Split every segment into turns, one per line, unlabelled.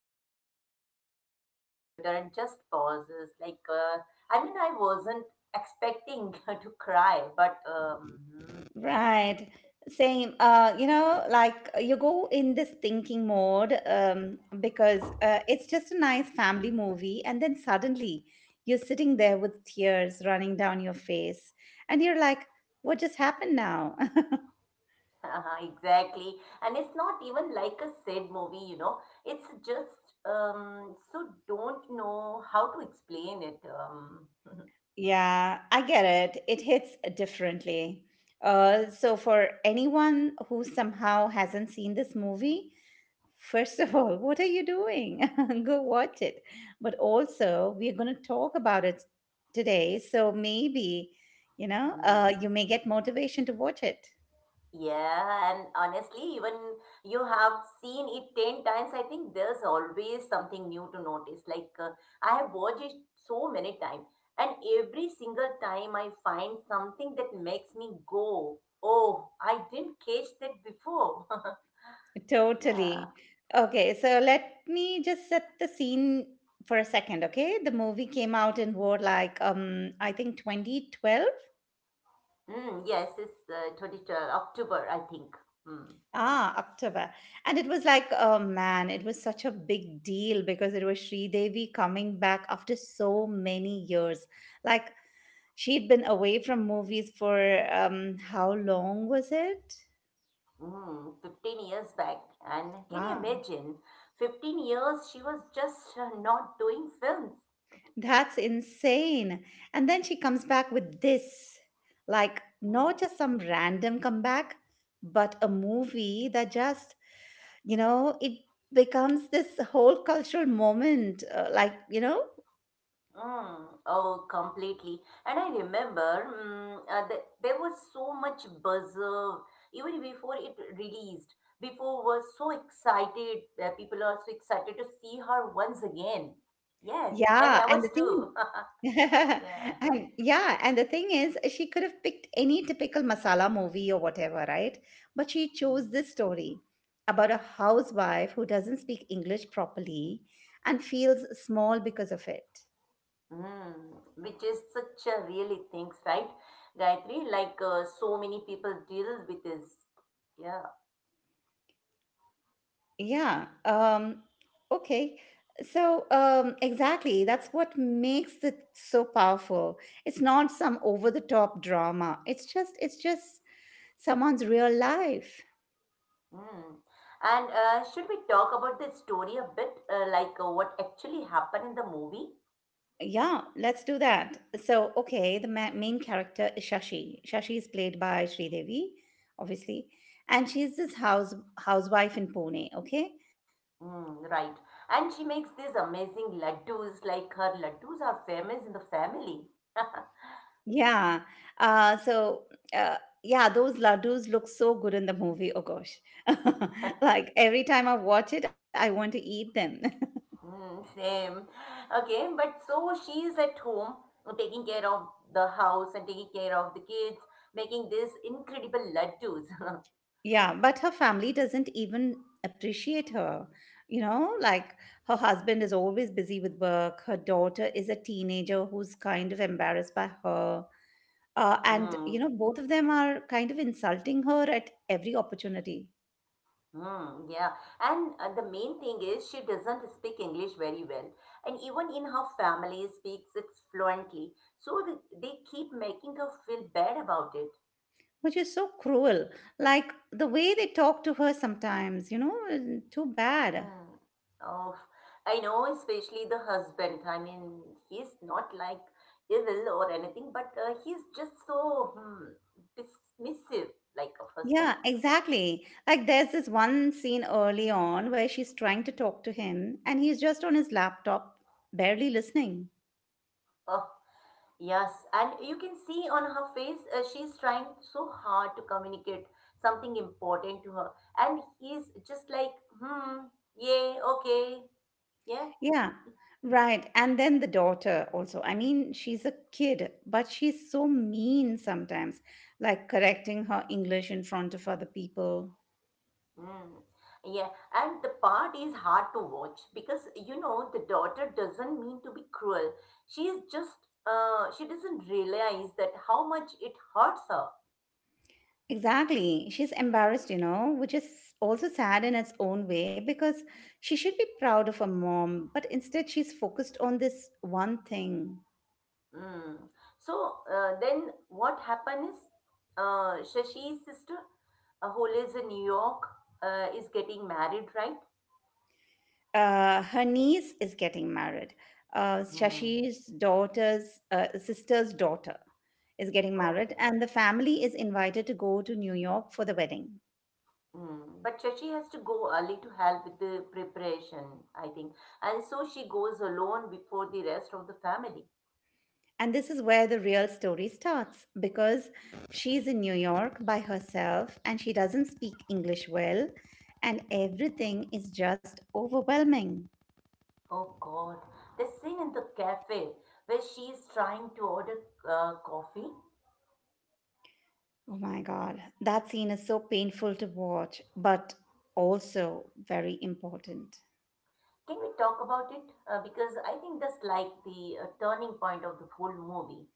still remember watching it is in theater and just pauses. Like, I mean, I wasn't expecting to cry, but
Right. Same. Like you go in this thinking mode because it's just a nice family movie, and then suddenly you're sitting there with tears running down your face, and you're like, "What just happened now?"
Uh-huh, exactly. And it's not even like a sad movie, you know. It's just so don't know how to explain it.
Yeah, I get it. It hits differently. So, for anyone who somehow hasn't seen this movie, first of all, what are you doing? Go watch it. But also, we're going to talk about it today. So, maybe,
Mm,
you may get motivation to watch it.
yeah, and honestly, even you have seen it 10 times, I think there's always something new to notice. Like I have watched it so many times, and every single time I find something that makes me go, "Oh, I didn't catch that before." Yeah.
Totally. Okay, so let me just set the scene for a second, okay? The movie came out in war like I think 2012.
Mm, yes, it's October 23rd, I think. Mm.
October. And it was like, oh man, it was such a big deal because it was Sridevi coming back after so many years. Like, she'd been away from movies for how long was it?
Mm, 15 years back. And can you
Wow,
imagine? 15 years she was just not doing films.
that's insane. And then she comes back with this like,
Mm.
not just some random comeback, but a movie that just, it becomes this whole cultural moment. Like, you know?
Mm. Oh, completely. And I remember there was so much buzz, even before it released. People were so excited. People are so excited to see her once again. Yes, and
Yeah,
I
and
was
the thing
too. Yeah.
and yeah, and the thing is, she could have picked any typical masala movie or whatever, right? But she chose
Mm.
this story about a housewife who doesn't speak English properly and feels small because of it.
Mm, which is such a really things, right, Gayatri? Like so many people deal with this. Yeah.
Yeah. Okay. So, exactly. That's what makes it so powerful. It's not some over the top drama. It's just someone's real life.
Mm. And should we talk about the story a bit, what actually happened in the movie?
Yeah, let's do that. So, okay, the main character is Shashi. Shashi is played by Sridevi, obviously, and she's this housewife in Pune. Okay,
Mm, right. And she makes these amazing laddus, like her laddus are famous in the family.
yeah. So, uh, yeah, those laddus look so good in the movie. Oh gosh, like every time I watch it, I want to eat them.
Mm, same. Okay, but so she is at home taking care of the house and taking care of the kids, making these incredible laddus.
Yeah, but her family doesn't even appreciate her. Like her husband is always busy with work. Her daughter is a teenager who's kind of embarrassed by her. Uh, and, you
Hmm.
know, both of them are kind of insulting her at every opportunity,
Mm, yeah. And the main thing is she doesn't speak English very well. And even in her family speaks it fluently. So they keep making her feel bad about it.
which is so cruel. Like the way they talk to her sometimes, too bad.
Hmm. Oh, I know, especially the husband. I mean, he's not like evil or anything, but he's just so dismissive, like a husband.
Yeah, exactly. Like there's this one scene early on where she's trying to talk to him and he's just on his laptop, barely listening.
Oh. Yes, and you can see on her face, she's trying so hard to communicate something important to her. And he's just like, hmm, yeah, okay, yeah,
Yeah, right. And then the daughter also. I mean, she's a kid, but she's so mean sometimes, like correcting her English in front of other people.
hmm, yeah. And the part is hard to watch because, you know, the daughter doesn't mean to be cruel. She's just, she doesn't realize that how much it hurts her.
Exactly. She's embarrassed, which is also sad in its own way because she should be proud of her mom, but instead she's focused on this one thing.
Mm. So then what happened is Shashi's sister, who lives in New York, is getting married, right?
Her niece is getting married. Uh,
Hmm.
Shashi's daughter's sister's daughter is getting married,
Okay.
and the family is invited to go to New York for the wedding.
Mm. But Shashi has to go early to help with the preparation, I think. And so she goes alone before the rest of the family.
And this is where the real story starts because she's in New York by herself and she doesn't speak English well, and everything is just overwhelming.
Oh God. The scene in the cafe where she is trying to order coffee.
Oh my God, that scene is so painful to watch, but also very important.
Can we talk about it? Because I think that's like the turning point of the whole movie.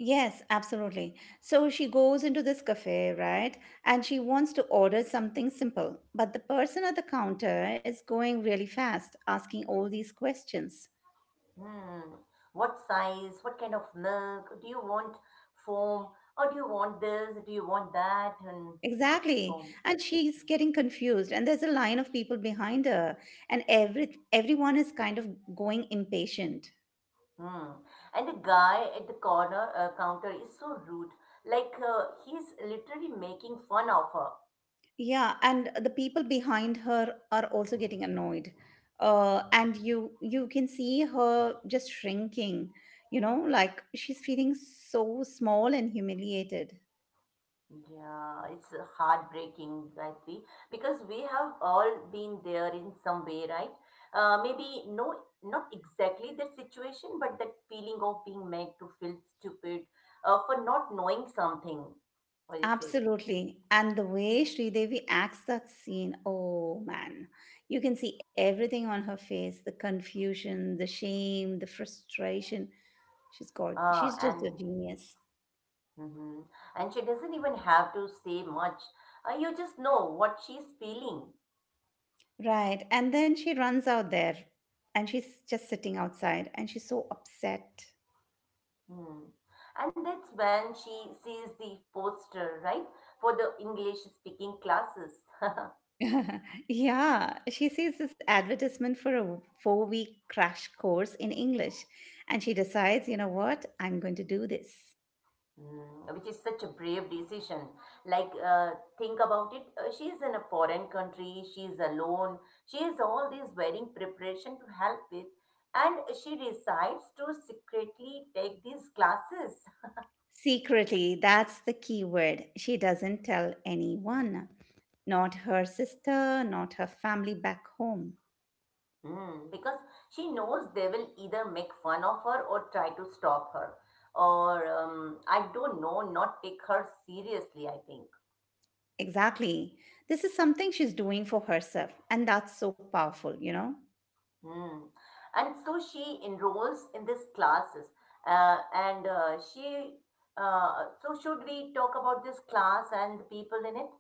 Yes, absolutely. So she goes into this cafe, right? And she wants to order something simple. But the person at the counter is going really fast, asking all these questions.
Hmm. What size? What kind of milk? Do you want foam? Or do you want this? Do you want that? And so
Exactly.
on.
And she's getting confused and there's a line of people behind her and everyone is kind of going impatient.
Hmm. And the guy at the corner counter is so rude. Like he's literally making fun of her.
Yeah, and the people behind her are also getting annoyed. And you can see her just shrinking, like she's feeling so small and humiliated.
Yeah, it's heartbreaking, I feel, because we have all been there in some way, right? Maybe no, not exactly that situation, but that feeling of being made to feel stupid for not knowing something. What do you say?
Absolutely. And the way Sridevi acts that scene, oh man, you can see everything on her face, the confusion, the shame, the frustration. She's got,
Uh,
she's just
and
a genius.
hmm and she doesn't even have to say much. You just know what she's feeling.
Right. And then she runs out there and she's just sitting outside and she's so upset.
Hmm. And that's when she sees the poster, right, for the English speaking classes.
Yeah, she sees this advertisement for a 4-week crash course in English and she decides, you know what, I'm going to do this.
Mm, which is such a brave decision. Like, think about it. She's in a foreign country. She's alone. She has all these wedding preparation to help with, and she decides to secretly take these classes.
Secretly, that's the key word. She doesn't tell anyone, not her sister, not her family back home.
Mm, because she knows they will either make fun of her or try to stop her, or I don't know, not take her seriously. I think.
Exactly. This is something she's doing for herself, and that's so powerful, you know?
Mm. And so she enrolls in these classes. Uh, and uh, she, so should we talk about this class and the people in it?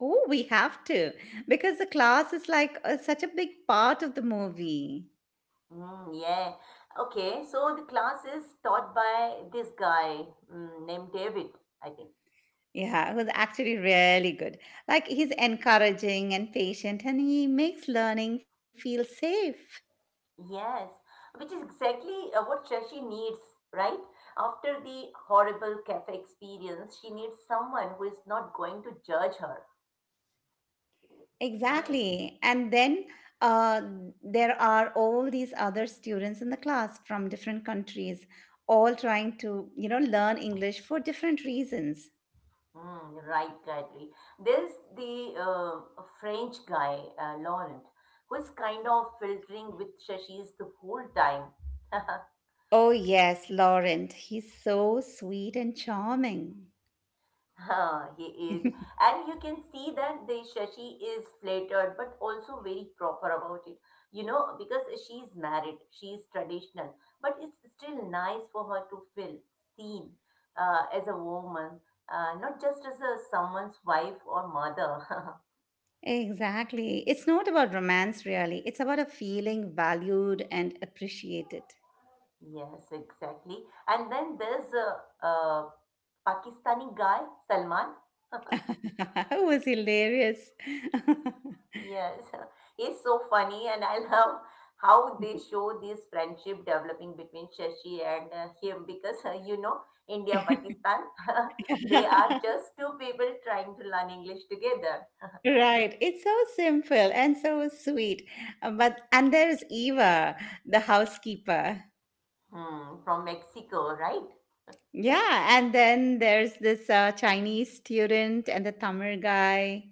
Oh, we have to because the class is like such a big part of the movie.
Mm, yeah. Okay. So the class is taught by this guy named David, I think.
Yeah, it was actually really good. Like he's encouraging and patient, and he makes learning feel safe.
Yes. Which is exactly what Shashi needs, right? After the horrible cafe experience, she needs someone who is not going to judge her. Yes.
Exactly. And then uh, there are all these other students in the class from different countries, all trying to, learn English for different reasons.
Mm, right, Gayatri. There's the French guy, Laurent, who is kind of filtering with Shashi's the whole time.
Oh, yes, Laurent. He's so sweet and charming.
Ah, he is. And you can see that the Shashi is flattered but also very proper about it. You know, because she's married, she's traditional, but it's still nice for her to feel seen as a woman, not just as a someone's wife or mother.
Exactly. It's not about romance, really. It's about a feeling valued and appreciated.
Yes, exactly. And then there's a Pakistani guy, Salman.
It was hilarious.
Yes, he's so funny, and I love how they show this friendship developing between Shashi and him because you know, India, Pakistan, they are just two people trying to learn English together.
Right. It's so simple and so sweet. But and there's Eva, the housekeeper.
Hmm, from Mexico, right?
Yeah, and then there's this Chinese student and the Tamil guy.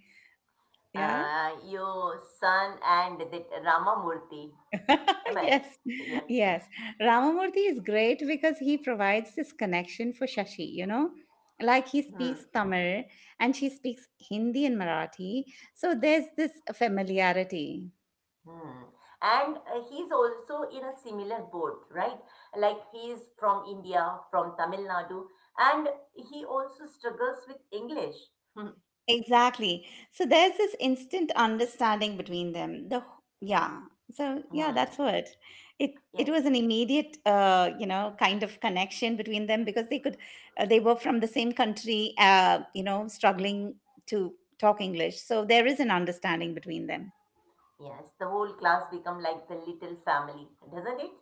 Yeah.
Your son and that Ramamurthy. Am I right?
yes,
Yes.
yes. Ramamurthy is great because he provides this connection for Shashi. Like he speaks
Hmm.
Tamil and she speaks Hindi and Marathi. So there's this familiarity.
Hmm. And he's also in a similar boat, right? Like he's from India, from Tamil Nadu, and he also struggles with English. Hmm.
Exactly. So there's this instant understanding between them. Yeah. So yeah,
Hmm.
that's what it it
Yes,
was an immediate kind of connection between them because they were from the same country struggling to talk English. So there is an understanding between them.
yes. The whole class become like the little family, doesn't it?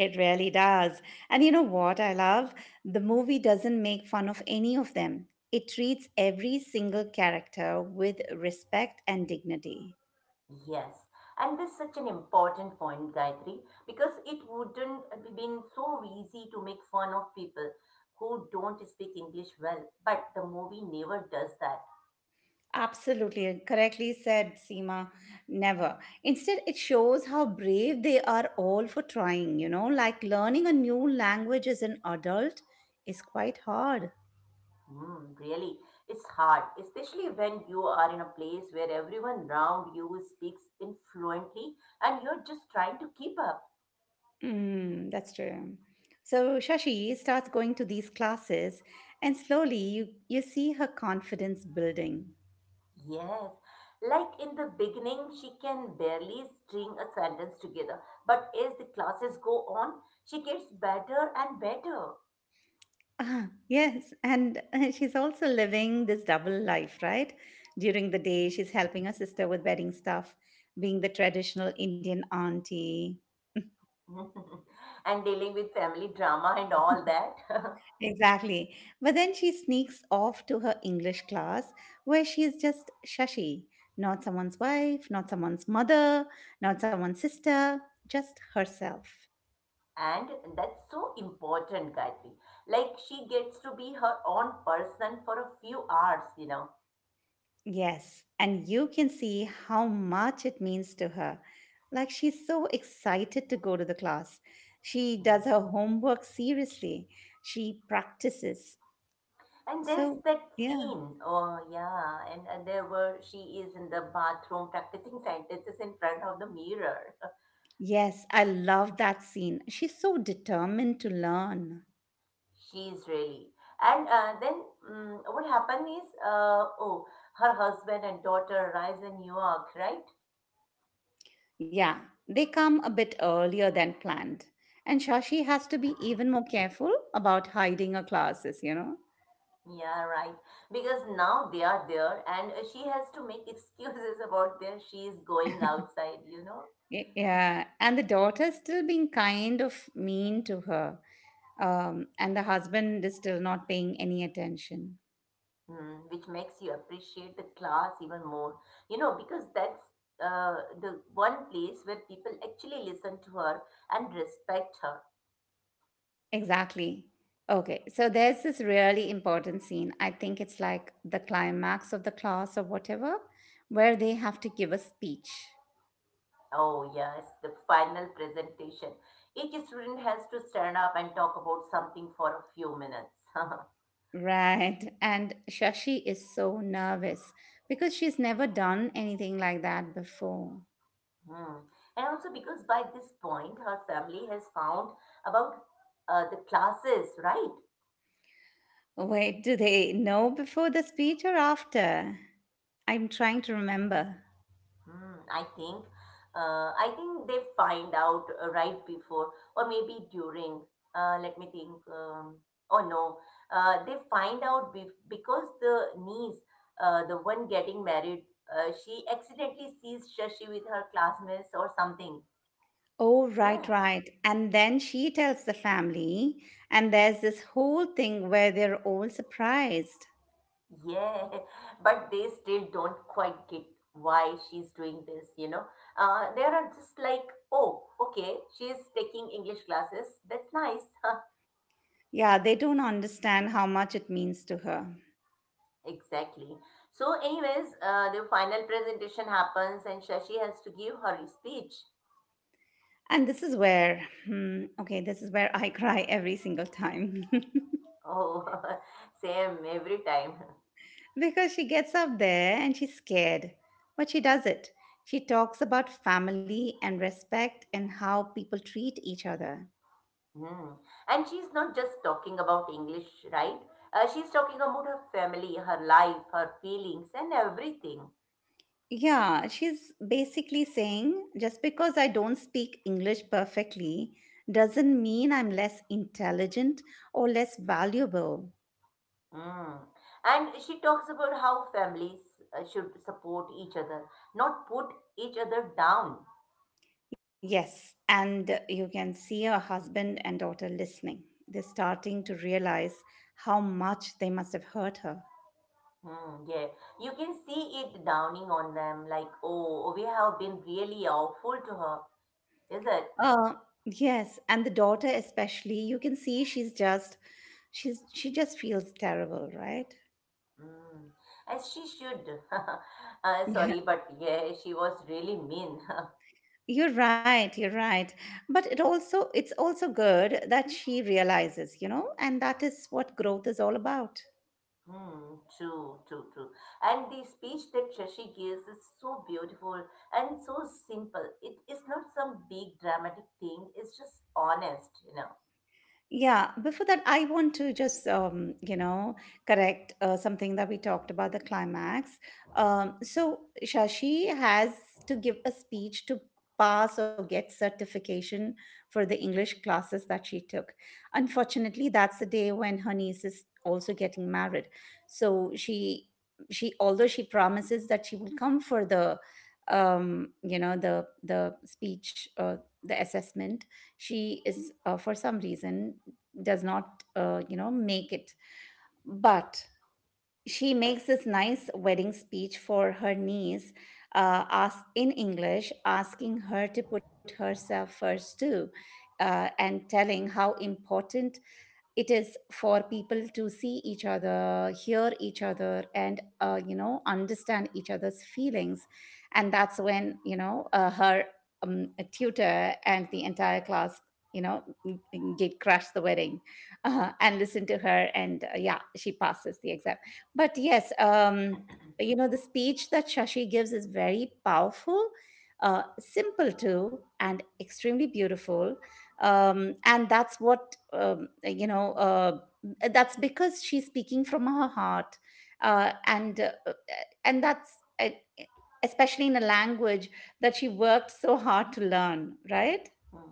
It really does. And you know what I love? The movie doesn't make fun of any of them. It treats every single character with respect and dignity.
Yes. And this is such an important point, Gayatri, because it wouldn't have been so easy to make fun of people who don't speak English well. But the movie never does that.
Absolutely, and correctly said, Seema. Never. Instead, it shows how brave they are all for trying, like learning a new language as an adult is quite hard.
Mm, really, it's hard, especially when you are in a place where everyone around you speaks influently and you're just trying to keep up.
Mm, that's true. So Shashi starts going to these classes, and slowly you see her confidence building.
Yes, like in the beginning, she can barely string a sentence together, but as the classes go on, she gets better and better.
Yes, and she's also living this double life, right? During the day, she's helping her sister with wedding stuff, being the traditional Indian auntie.
And dealing with family drama and all that.
Exactly. But then she sneaks off to her English class where she's just Shashi, not someone's wife, not someone's mother, not someone's sister, just herself.
And that's so important, Gayatri. Like she gets to be her own person for a few hours, you know.
Yes, and you can see how much it means to her. Like she's so excited to go to the class. She does her homework seriously, she practices.
And there's
So,
that
yeah.
scene, oh yeah, and there were she is in the bathroom practicing sentences in front of the mirror.
Yes, I love that scene. She's so determined to learn.
She's really. And then mm what happened is, oh, her husband and daughter arrives in New York, right?
Yeah, they come a bit earlier than planned. And Shashi has to be even more careful about hiding her classes, you know?
Yeah, right. Because now they are there, and she has to make excuses about there. She is going outside, you know.
Yeah, and the daughter's still being kind of mean to her. And the husband is still not paying any attention.
Mm, which makes you appreciate the class even more. You know, because that's the one place where people actually listen to her and respect her.
Exactly. Okay, so there's this really important scene. I think it's like the climax of the class or whatever, where they have to give a speech.
Oh, yes, the final presentation. Each student has to stand up and talk about something for a few minutes.
Right. And Shashi is so nervous because she's never done anything like that before.
Hmm. And also because by this point, her family has found about the classes, right?
Wait, do they know before the speech or after? I'm trying to remember.
Hmm, I think, I think they find out right before or maybe during. Let me think. Oh no, they find out bef because the niece, the one getting married, she accidentally sees Shashi with her classmates or something.
Oh, right,
Yeah,
right. And then she tells the family, and there's this whole thing where they're all surprised.
yeah. But they still don't quite get why she's doing this. You know, they are just like, oh, okay, she's taking English classes. That's nice.
Yeah, they don't understand how much it means to her.
Exactly. So, anyways, the final presentation happens and Shashi has to give her speech.
And this is where I cry every single time.
Oh, same every time.
Because she gets up there and she's scared, but she does it. She talks about family and respect and how people treat each other.
Hmm. And she's not just talking about English, right? She's talking about her family, her life, her feelings, and everything.
Yeah, she's basically saying just because I don't speak English perfectly doesn't mean I'm less intelligent or less valuable.
Hmm. And she talks about how families should support each other, not put each other down.
Yes, and you can see her husband and daughter listening. They're starting to realize how much they must have hurt her.
Hmm, yeah, you can see it downing on them like, oh, we have been really awful to her, is it?
Uh, yes, and the daughter especially, you can see she just feels terrible, right?
Mm, as she should. Uh,
Yeah.
sorry, but yeah, she was really mean.
You're right, you're right. But it's also good that she realizes, and that is what growth is all about.
Hmm, true, true, true. And the speech that Shashi gives is so beautiful and so simple. It is not some big dramatic thing, it's just honest, you know.
Yeah, before that, I want to just, correct something that we talked about the climax. So Shashi has to give a speech to pass or get certification for the English classes that she took. Unfortunately, that's the day when her niece is also getting married. So, although she promises that she will come for the speech, the assessment, she is for some reason does not make it, but she makes this nice wedding speech for her niece, in english asking her to put herself first too, and telling how important it is for people to see each other, hear each other, and understand each other's feelings. And that's when her tutor and the entire class, you know n- did crash the wedding and listen to her, and yeah, she passes the exam. But yes, the speech that Shashi gives is very powerful, simple too, and extremely beautiful. Um, and that's what you know that's because she's speaking from her heart. Uh, and uh, uh, and that's Especially in a language that she worked so hard to learn, right?
Hmm.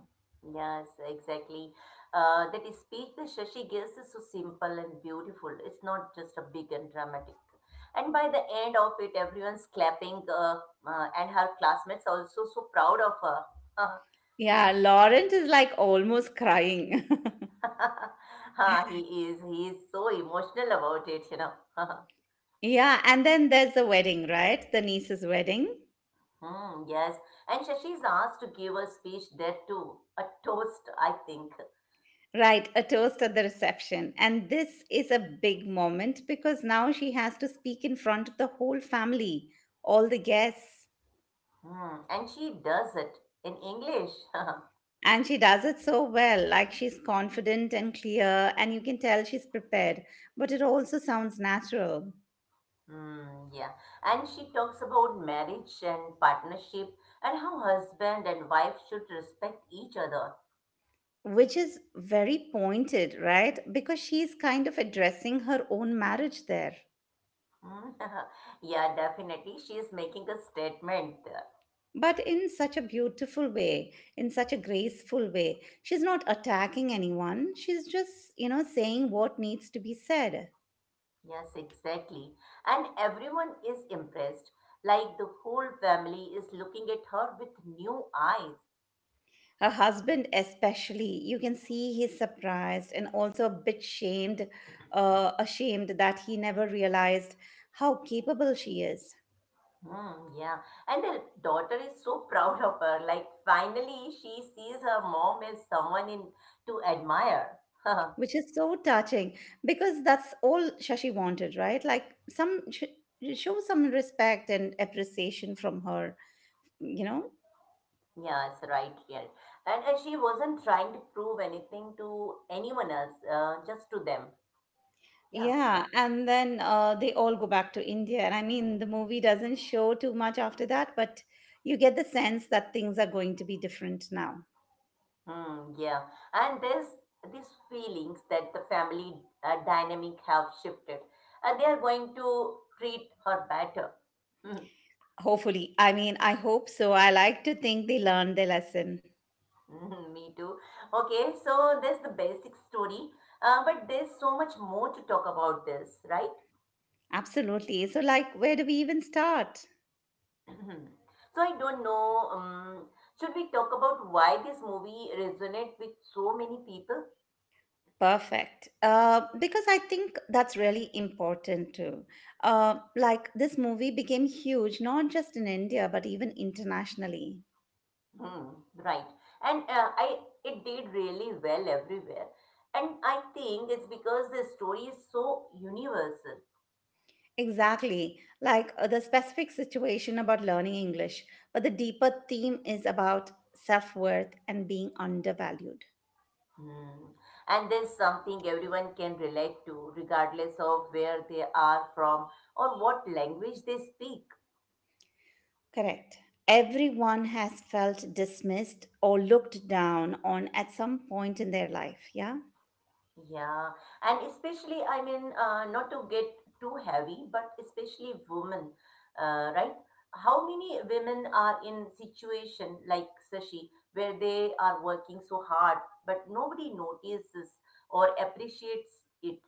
Yes, exactly. That speech that Shashi gives is so simple and beautiful. It's not just a big and dramatic. And by the end of it, everyone's clapping, and her classmates also so proud of her.
Yeah, Laurent is like almost crying.
Ha. He is. He is so emotional about it, you know.
Yeah, and then there's the wedding, right? The niece's wedding.
Hmm, yes, and Shashi is asked to give a speech there too, a toast, I think.
Right, a toast at the reception. And this is a big moment because now she has to speak in front of the whole family, all the guests.
Hmm, and she does it in English.
And she does it so well. Like she's confident and clear, and you can tell she's prepared, but it also sounds natural,
Mm, yeah. And she talks about marriage and partnership and how husband and wife should respect each other.
which is very pointed, right? Because she's kind of addressing her own marriage there.
Mm, yeah, definitely. She is making a statement there.
But in such a beautiful way, in such a graceful way. She's not attacking anyone. She's just, you know, saying what needs to be said.
Yes, exactly. And everyone is impressed. Like the whole family is looking at her with new eyes.
Her husband, especially, you can see he's surprised and also a bit shamed, ashamed that he never realized how capable she is,
Mm, yeah. And the daughter is so proud of her. Like finally she sees her mom as someone in to admire.
which is so touching because that's all Shashi wanted, right? Like, some sh- show some respect and appreciation from her, you know.
Yes, right, yeah. And she wasn't trying to prove anything to anyone else, just to them. Yeah.
Yeah, and then they all go back to India, and I mean the movie doesn't show too much after that, but you get the sense that things are going to be different now.
Hmm, yeah. And there's these feelings that the family dynamic have shifted. And they are going to treat her better. Hmm,
Hopefully. I mean, I hope so. I like to think they learned their lesson.
mhm, me too. Okay, so there's the basic story. But there's so much more to talk about this, right?
Absolutely. So, like, where do we even start?
Mhm. So I don't know. Should we talk about why this movie resonates with so many people?
Perfect. Because I think that's really important too. Like, this movie became huge, not just in India, but even internationally.
Hmm, right. And I it did really well everywhere. And I think it's because the story is so universal.
Exactly. Like, the specific situation about learning English, but the deeper theme is about self worth and being undervalued.
Hmm. And there's something everyone can relate to, regardless of where they are from or what language they speak.
Correct. Everyone has felt dismissed or looked down on at some point in their life. Yeah.
Yeah, and especially, I mean, not to get too heavy, but especially women, right? How many women are in situation like Sashi, where they are working so hard, but nobody notices or appreciates it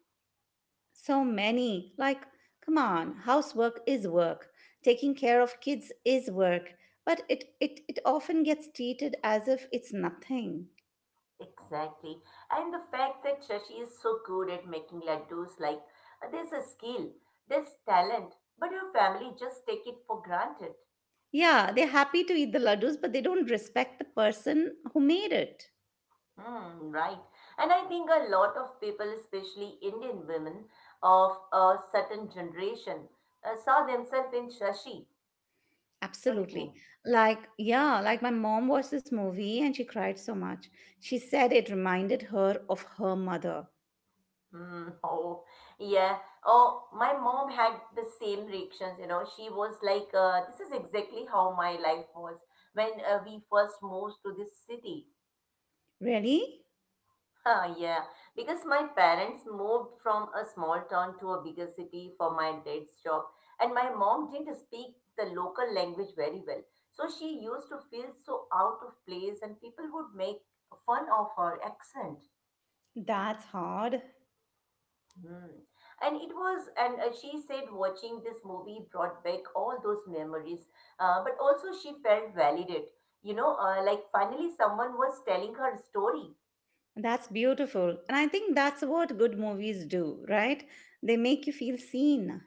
So many, like, come on, housework is work. Taking care of kids is work. But it often gets treated as if it's nothing.
exactly? And the fact that Sashi is so good at making laddus, like there's a skill, there's talent, but her family just take it for granted.
Yeah, they're happy to eat the laddus, but they don't respect the person who made it.
Hmm, right. And I think a lot of people, especially Indian women of a certain generation, saw themselves in Shashi. What do you
Absolutely.
think?
Like, yeah, like my mom watched this movie and she cried so much. She said it reminded her of her mother.
Hmm. Oh, yeah. Oh, my mom had the same reactions, you know. She was like, this is exactly how my life was when we first moved to this city.
Really?
Ah, yeah, because my parents moved from a small town to a bigger city for my dad's job, and my mom didn't speak the local language very well. So she used to feel so out of place, and people would make fun of her accent.
That's hard.
Hmm. And she said watching this movie brought back all those memories, but also she felt validated. You know, like finally someone was telling her story.
That's beautiful. And I think that's what good movies do, right? They make you feel seen.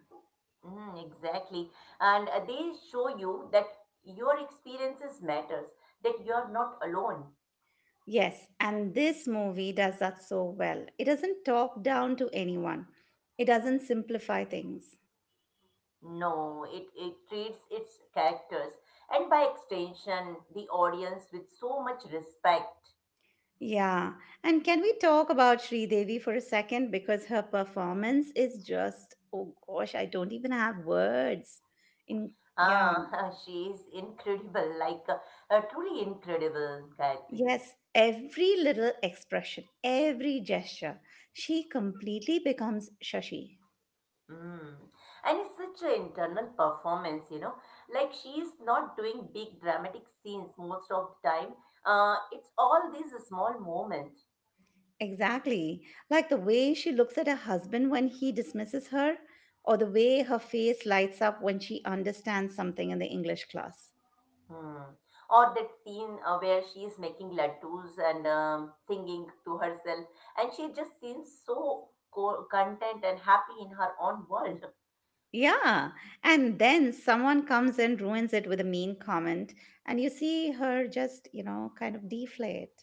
Mm, exactly. And they show you that your experiences matters, that you are not alone.
Yes, and this movie does that so well. It doesn't talk down to anyone, it doesn't simplify things.
No, it treats its characters and by extension the audience with so much respect.
Yeah, and can we talk about Sri Devi for a second? Because her performance is just, oh gosh, I don't even have words. In, yeah.
Ah, she is incredible, like a truly incredible Gayatri.
Yes, every little expression, every gesture, she completely becomes Shashi.
Mm. And it's such an internal performance, you know. Like she is not doing big dramatic scenes most of the time. It's all these small moments.
Exactly. Like the way she looks at her husband when he dismisses her, or the way her face lights up when she understands something in the English class.
Hmm. Or that scene where she is making laddus and singing to herself, and she just seems so content and happy in her own world.
Yeah, and then someone comes and ruins it with a mean comment, and you see her just, you know, kind of deflate.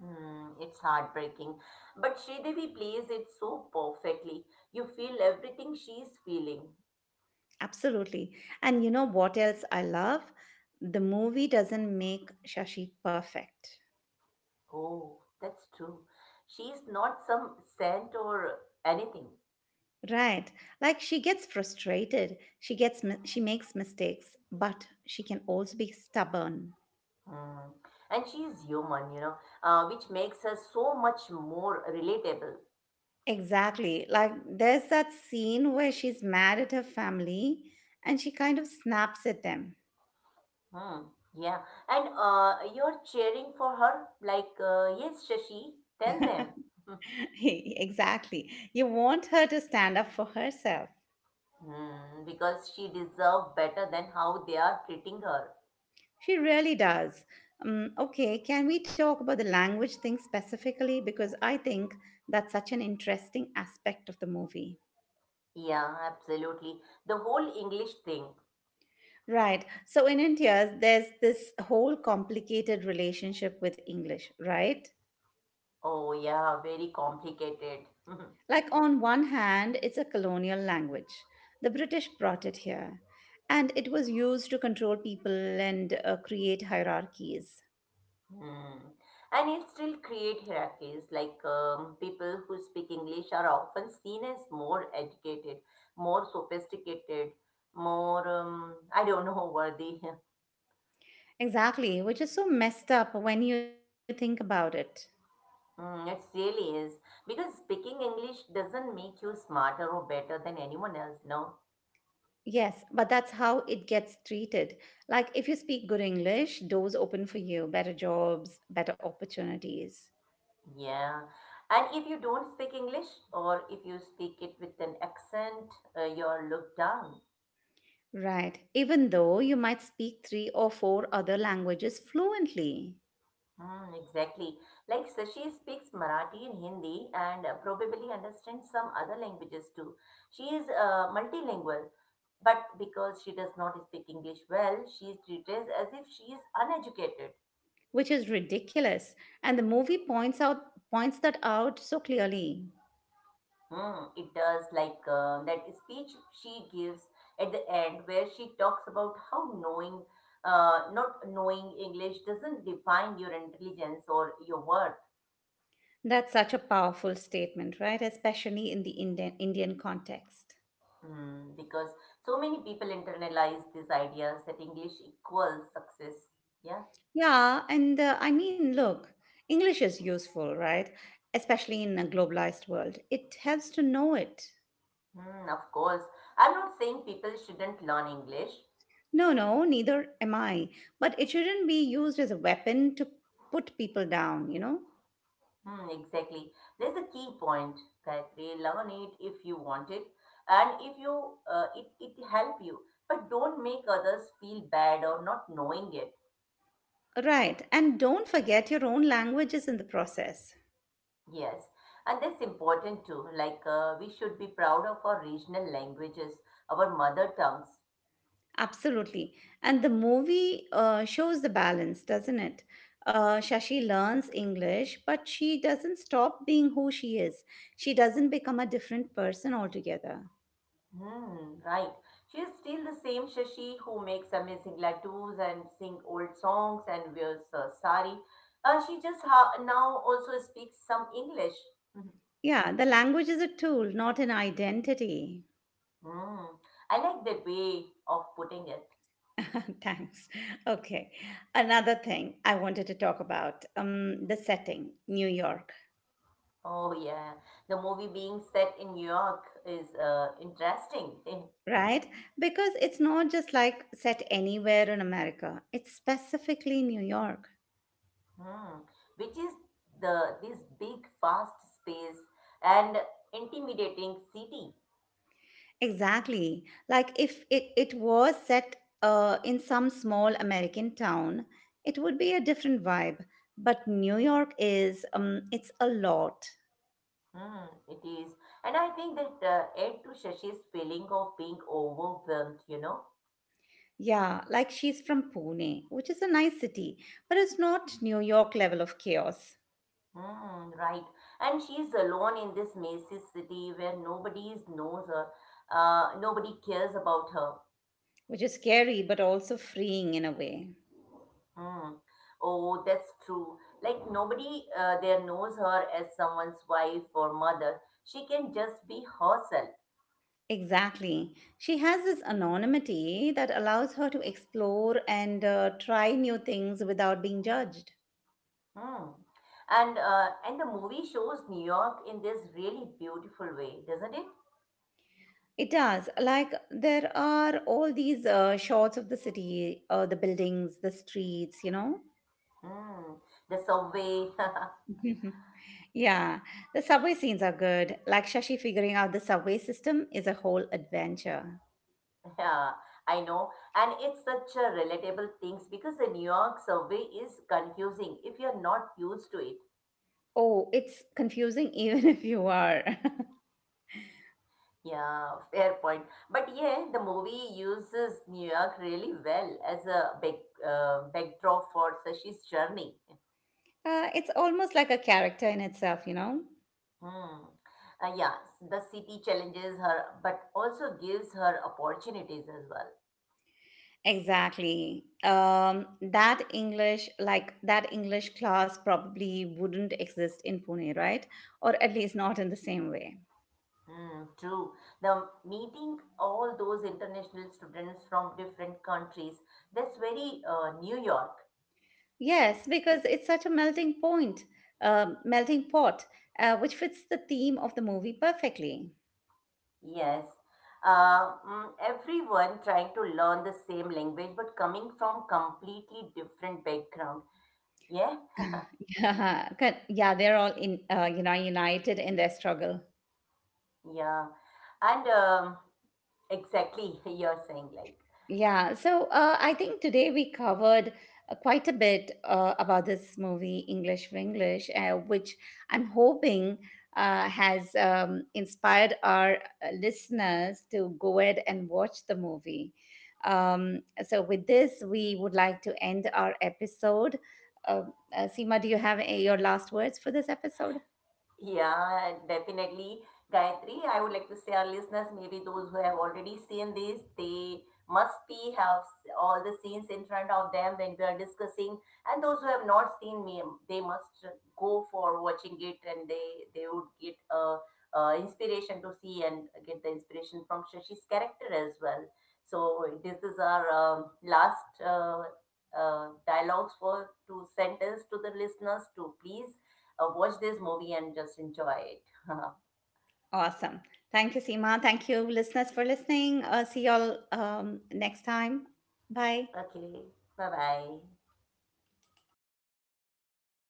Hmm, it's heartbreaking, but Sridevi plays it so perfectly. You feel everything she's feeling.
Absolutely. And you know what else I love? The movie doesn't make Shashi perfect.
Oh, that's true. She's not some saint or anything.
Right. Like she gets frustrated, she makes mistakes, but she can also be stubborn.
Hmm. And she's human, you know, which makes her so much more relatable.
Exactly. Like there's that scene where she's mad at her family and she kind of snaps at them.
Hmm, yeah. And you're cheering for her, like, yes, Shashi, tell them.
Exactly. You want her to stand up for herself.
Hmm, because she deserves better than how they are treating her.
She really does. Okay, can we talk about the language thing specifically? Because I think that's such an interesting aspect of the movie.
Yeah, absolutely. The whole English thing.
Right. So in India, there's this whole complicated relationship with English, right?
Oh, yeah, very complicated.
Like, on one hand, it's a colonial language. The British brought it here, and it was used to control people and create hierarchies.
Hmm. And it still create hierarchies. Like people who speak English are often seen as more educated, more sophisticated, more I don't know, worthy.
Exactly, which is so messed up when you think about it.
Mm, it really is. Because speaking English doesn't make you smarter or better than anyone else, no?
Yes, but that's how it gets treated. Like, if you speak good English, doors open for you, better jobs, better opportunities.
Yeah. And if you don't speak English or if you speak it with an accent, you're looked down.
Right, even though you might speak three or four other languages fluently,
Mm, exactly. Like Sashi speaks Marathi and Hindi and probably understands some other languages too. She is multilingual, but because she does not speak English well, she is treated as if she is uneducated.
which is ridiculous. And the movie points that out so clearly.
Mm, it does, like that speech she gives at the end where she talks about how knowing not knowing English doesn't define your intelligence or your worth.
That's such a powerful statement, right? Especially in the Indian context.
Mm, because so many people internalize these ideas that English equals success. Yeah,
Yeah, and I mean, look, English is useful, right? Especially in a globalized world. It helps to know it.
mm, of course. I'm not saying people shouldn't learn English.
No, no, neither am I. But it shouldn't be used as a weapon to put people down, you know?
Hmm, exactly. There's a key point that we learn it if you want it, and if you it help you, but don't make others feel bad or not knowing it.
Right. And don't forget your own language is in the process.
Yes, and that's important too. Like we should be proud of our regional languages, our mother tongues.
Absolutely. And the movie shows the balance, doesn't it? Shashi learns English, but she doesn't stop being who she is. She doesn't become a different person altogether.
Hmm, right. She is still the same Shashi who makes amazing ladoos and sing old songs and wears a sari. She just now also speaks some English.
Yeah, the language is a tool, not an identity.
Mm, I like that way of putting it.
Thanks. Okay. Another thing I wanted to talk about, the setting, New York.
Oh, yeah. The movie being set in New York is interesting.
Right? Because it's not just like set anywhere in America, it's specifically New York.
Hmm. Which is the this big, fast space and intimidating city.
Exactly. Like if it was set in some small American town, it would be a different vibe. But New York is, it's a lot.
Hmm, it is. And I think that add to Shashi's feeling of being overwhelmed, you know.
Yeah, like she's from Pune, which is a nice city, but it's not New York level of chaos,
Hmm, right. And she's alone in this massive city where nobody knows her, nobody cares about her.
which is scary but also freeing in a way.
Hmm. Oh, that's true. Like nobody there knows her as someone's wife or mother. She can just be herself.
Exactly. She has this anonymity that allows her to explore and try new things without being judged.
Hmm. And the movie shows New York in this really beautiful way, doesn't it?
It does. Like, there are all these shots of the city, the buildings, the streets, you know?
Hmm. The subway.
Yeah. The subway scenes are good. Like, Shashi figuring out the subway system is a whole adventure.
Yeah, I know. And it's such a relatable things because the New York subway is confusing if you're not used to it.
Oh, it's confusing even if you are.
Yeah, fair point. But yeah, the movie uses New York really well as a backdrop for Sashi's journey.
It's almost like a character in itself, you know?
Hmm. Yeah, the city challenges her, but also gives her opportunities as well.
Exactly. That English, like that English class, probably wouldn't exist in Pune, right? Or at least not in the same way.
Hmm, true. The meeting all those international students from different countries, that's very New York.
Yes, because it's such a melting point, melting pot, which fits the theme of the movie perfectly.
Yes. Everyone trying to learn the same language but coming from completely different background. Yeah,
Yeah, yeah, they're all in, you know, united in their struggle.
yeah. And exactly, you're saying like
Yeah, so I think today we covered quite a bit about this movie, English for English, which I'm hoping has inspired our listeners to go ahead and watch the movie. So, with this, we would like to end our episode. Uh, Seema, do you have a, your last words for this episode?
yeah, definitely. Gayatri, I would like to say our listeners, maybe those who have already seen this, they must be have all the scenes in front of them when we are discussing. And those who have not seen me, they must go for watching it and they, would get inspiration to see and get the inspiration from Shashi's character as well. So this is our last dialogues for to sentence to the listeners to please watch this movie and just enjoy it.
Awesome. Thank you, Seema. Thank you, listeners, for listening. See y'all next time. Bye.
Okay, bye bye.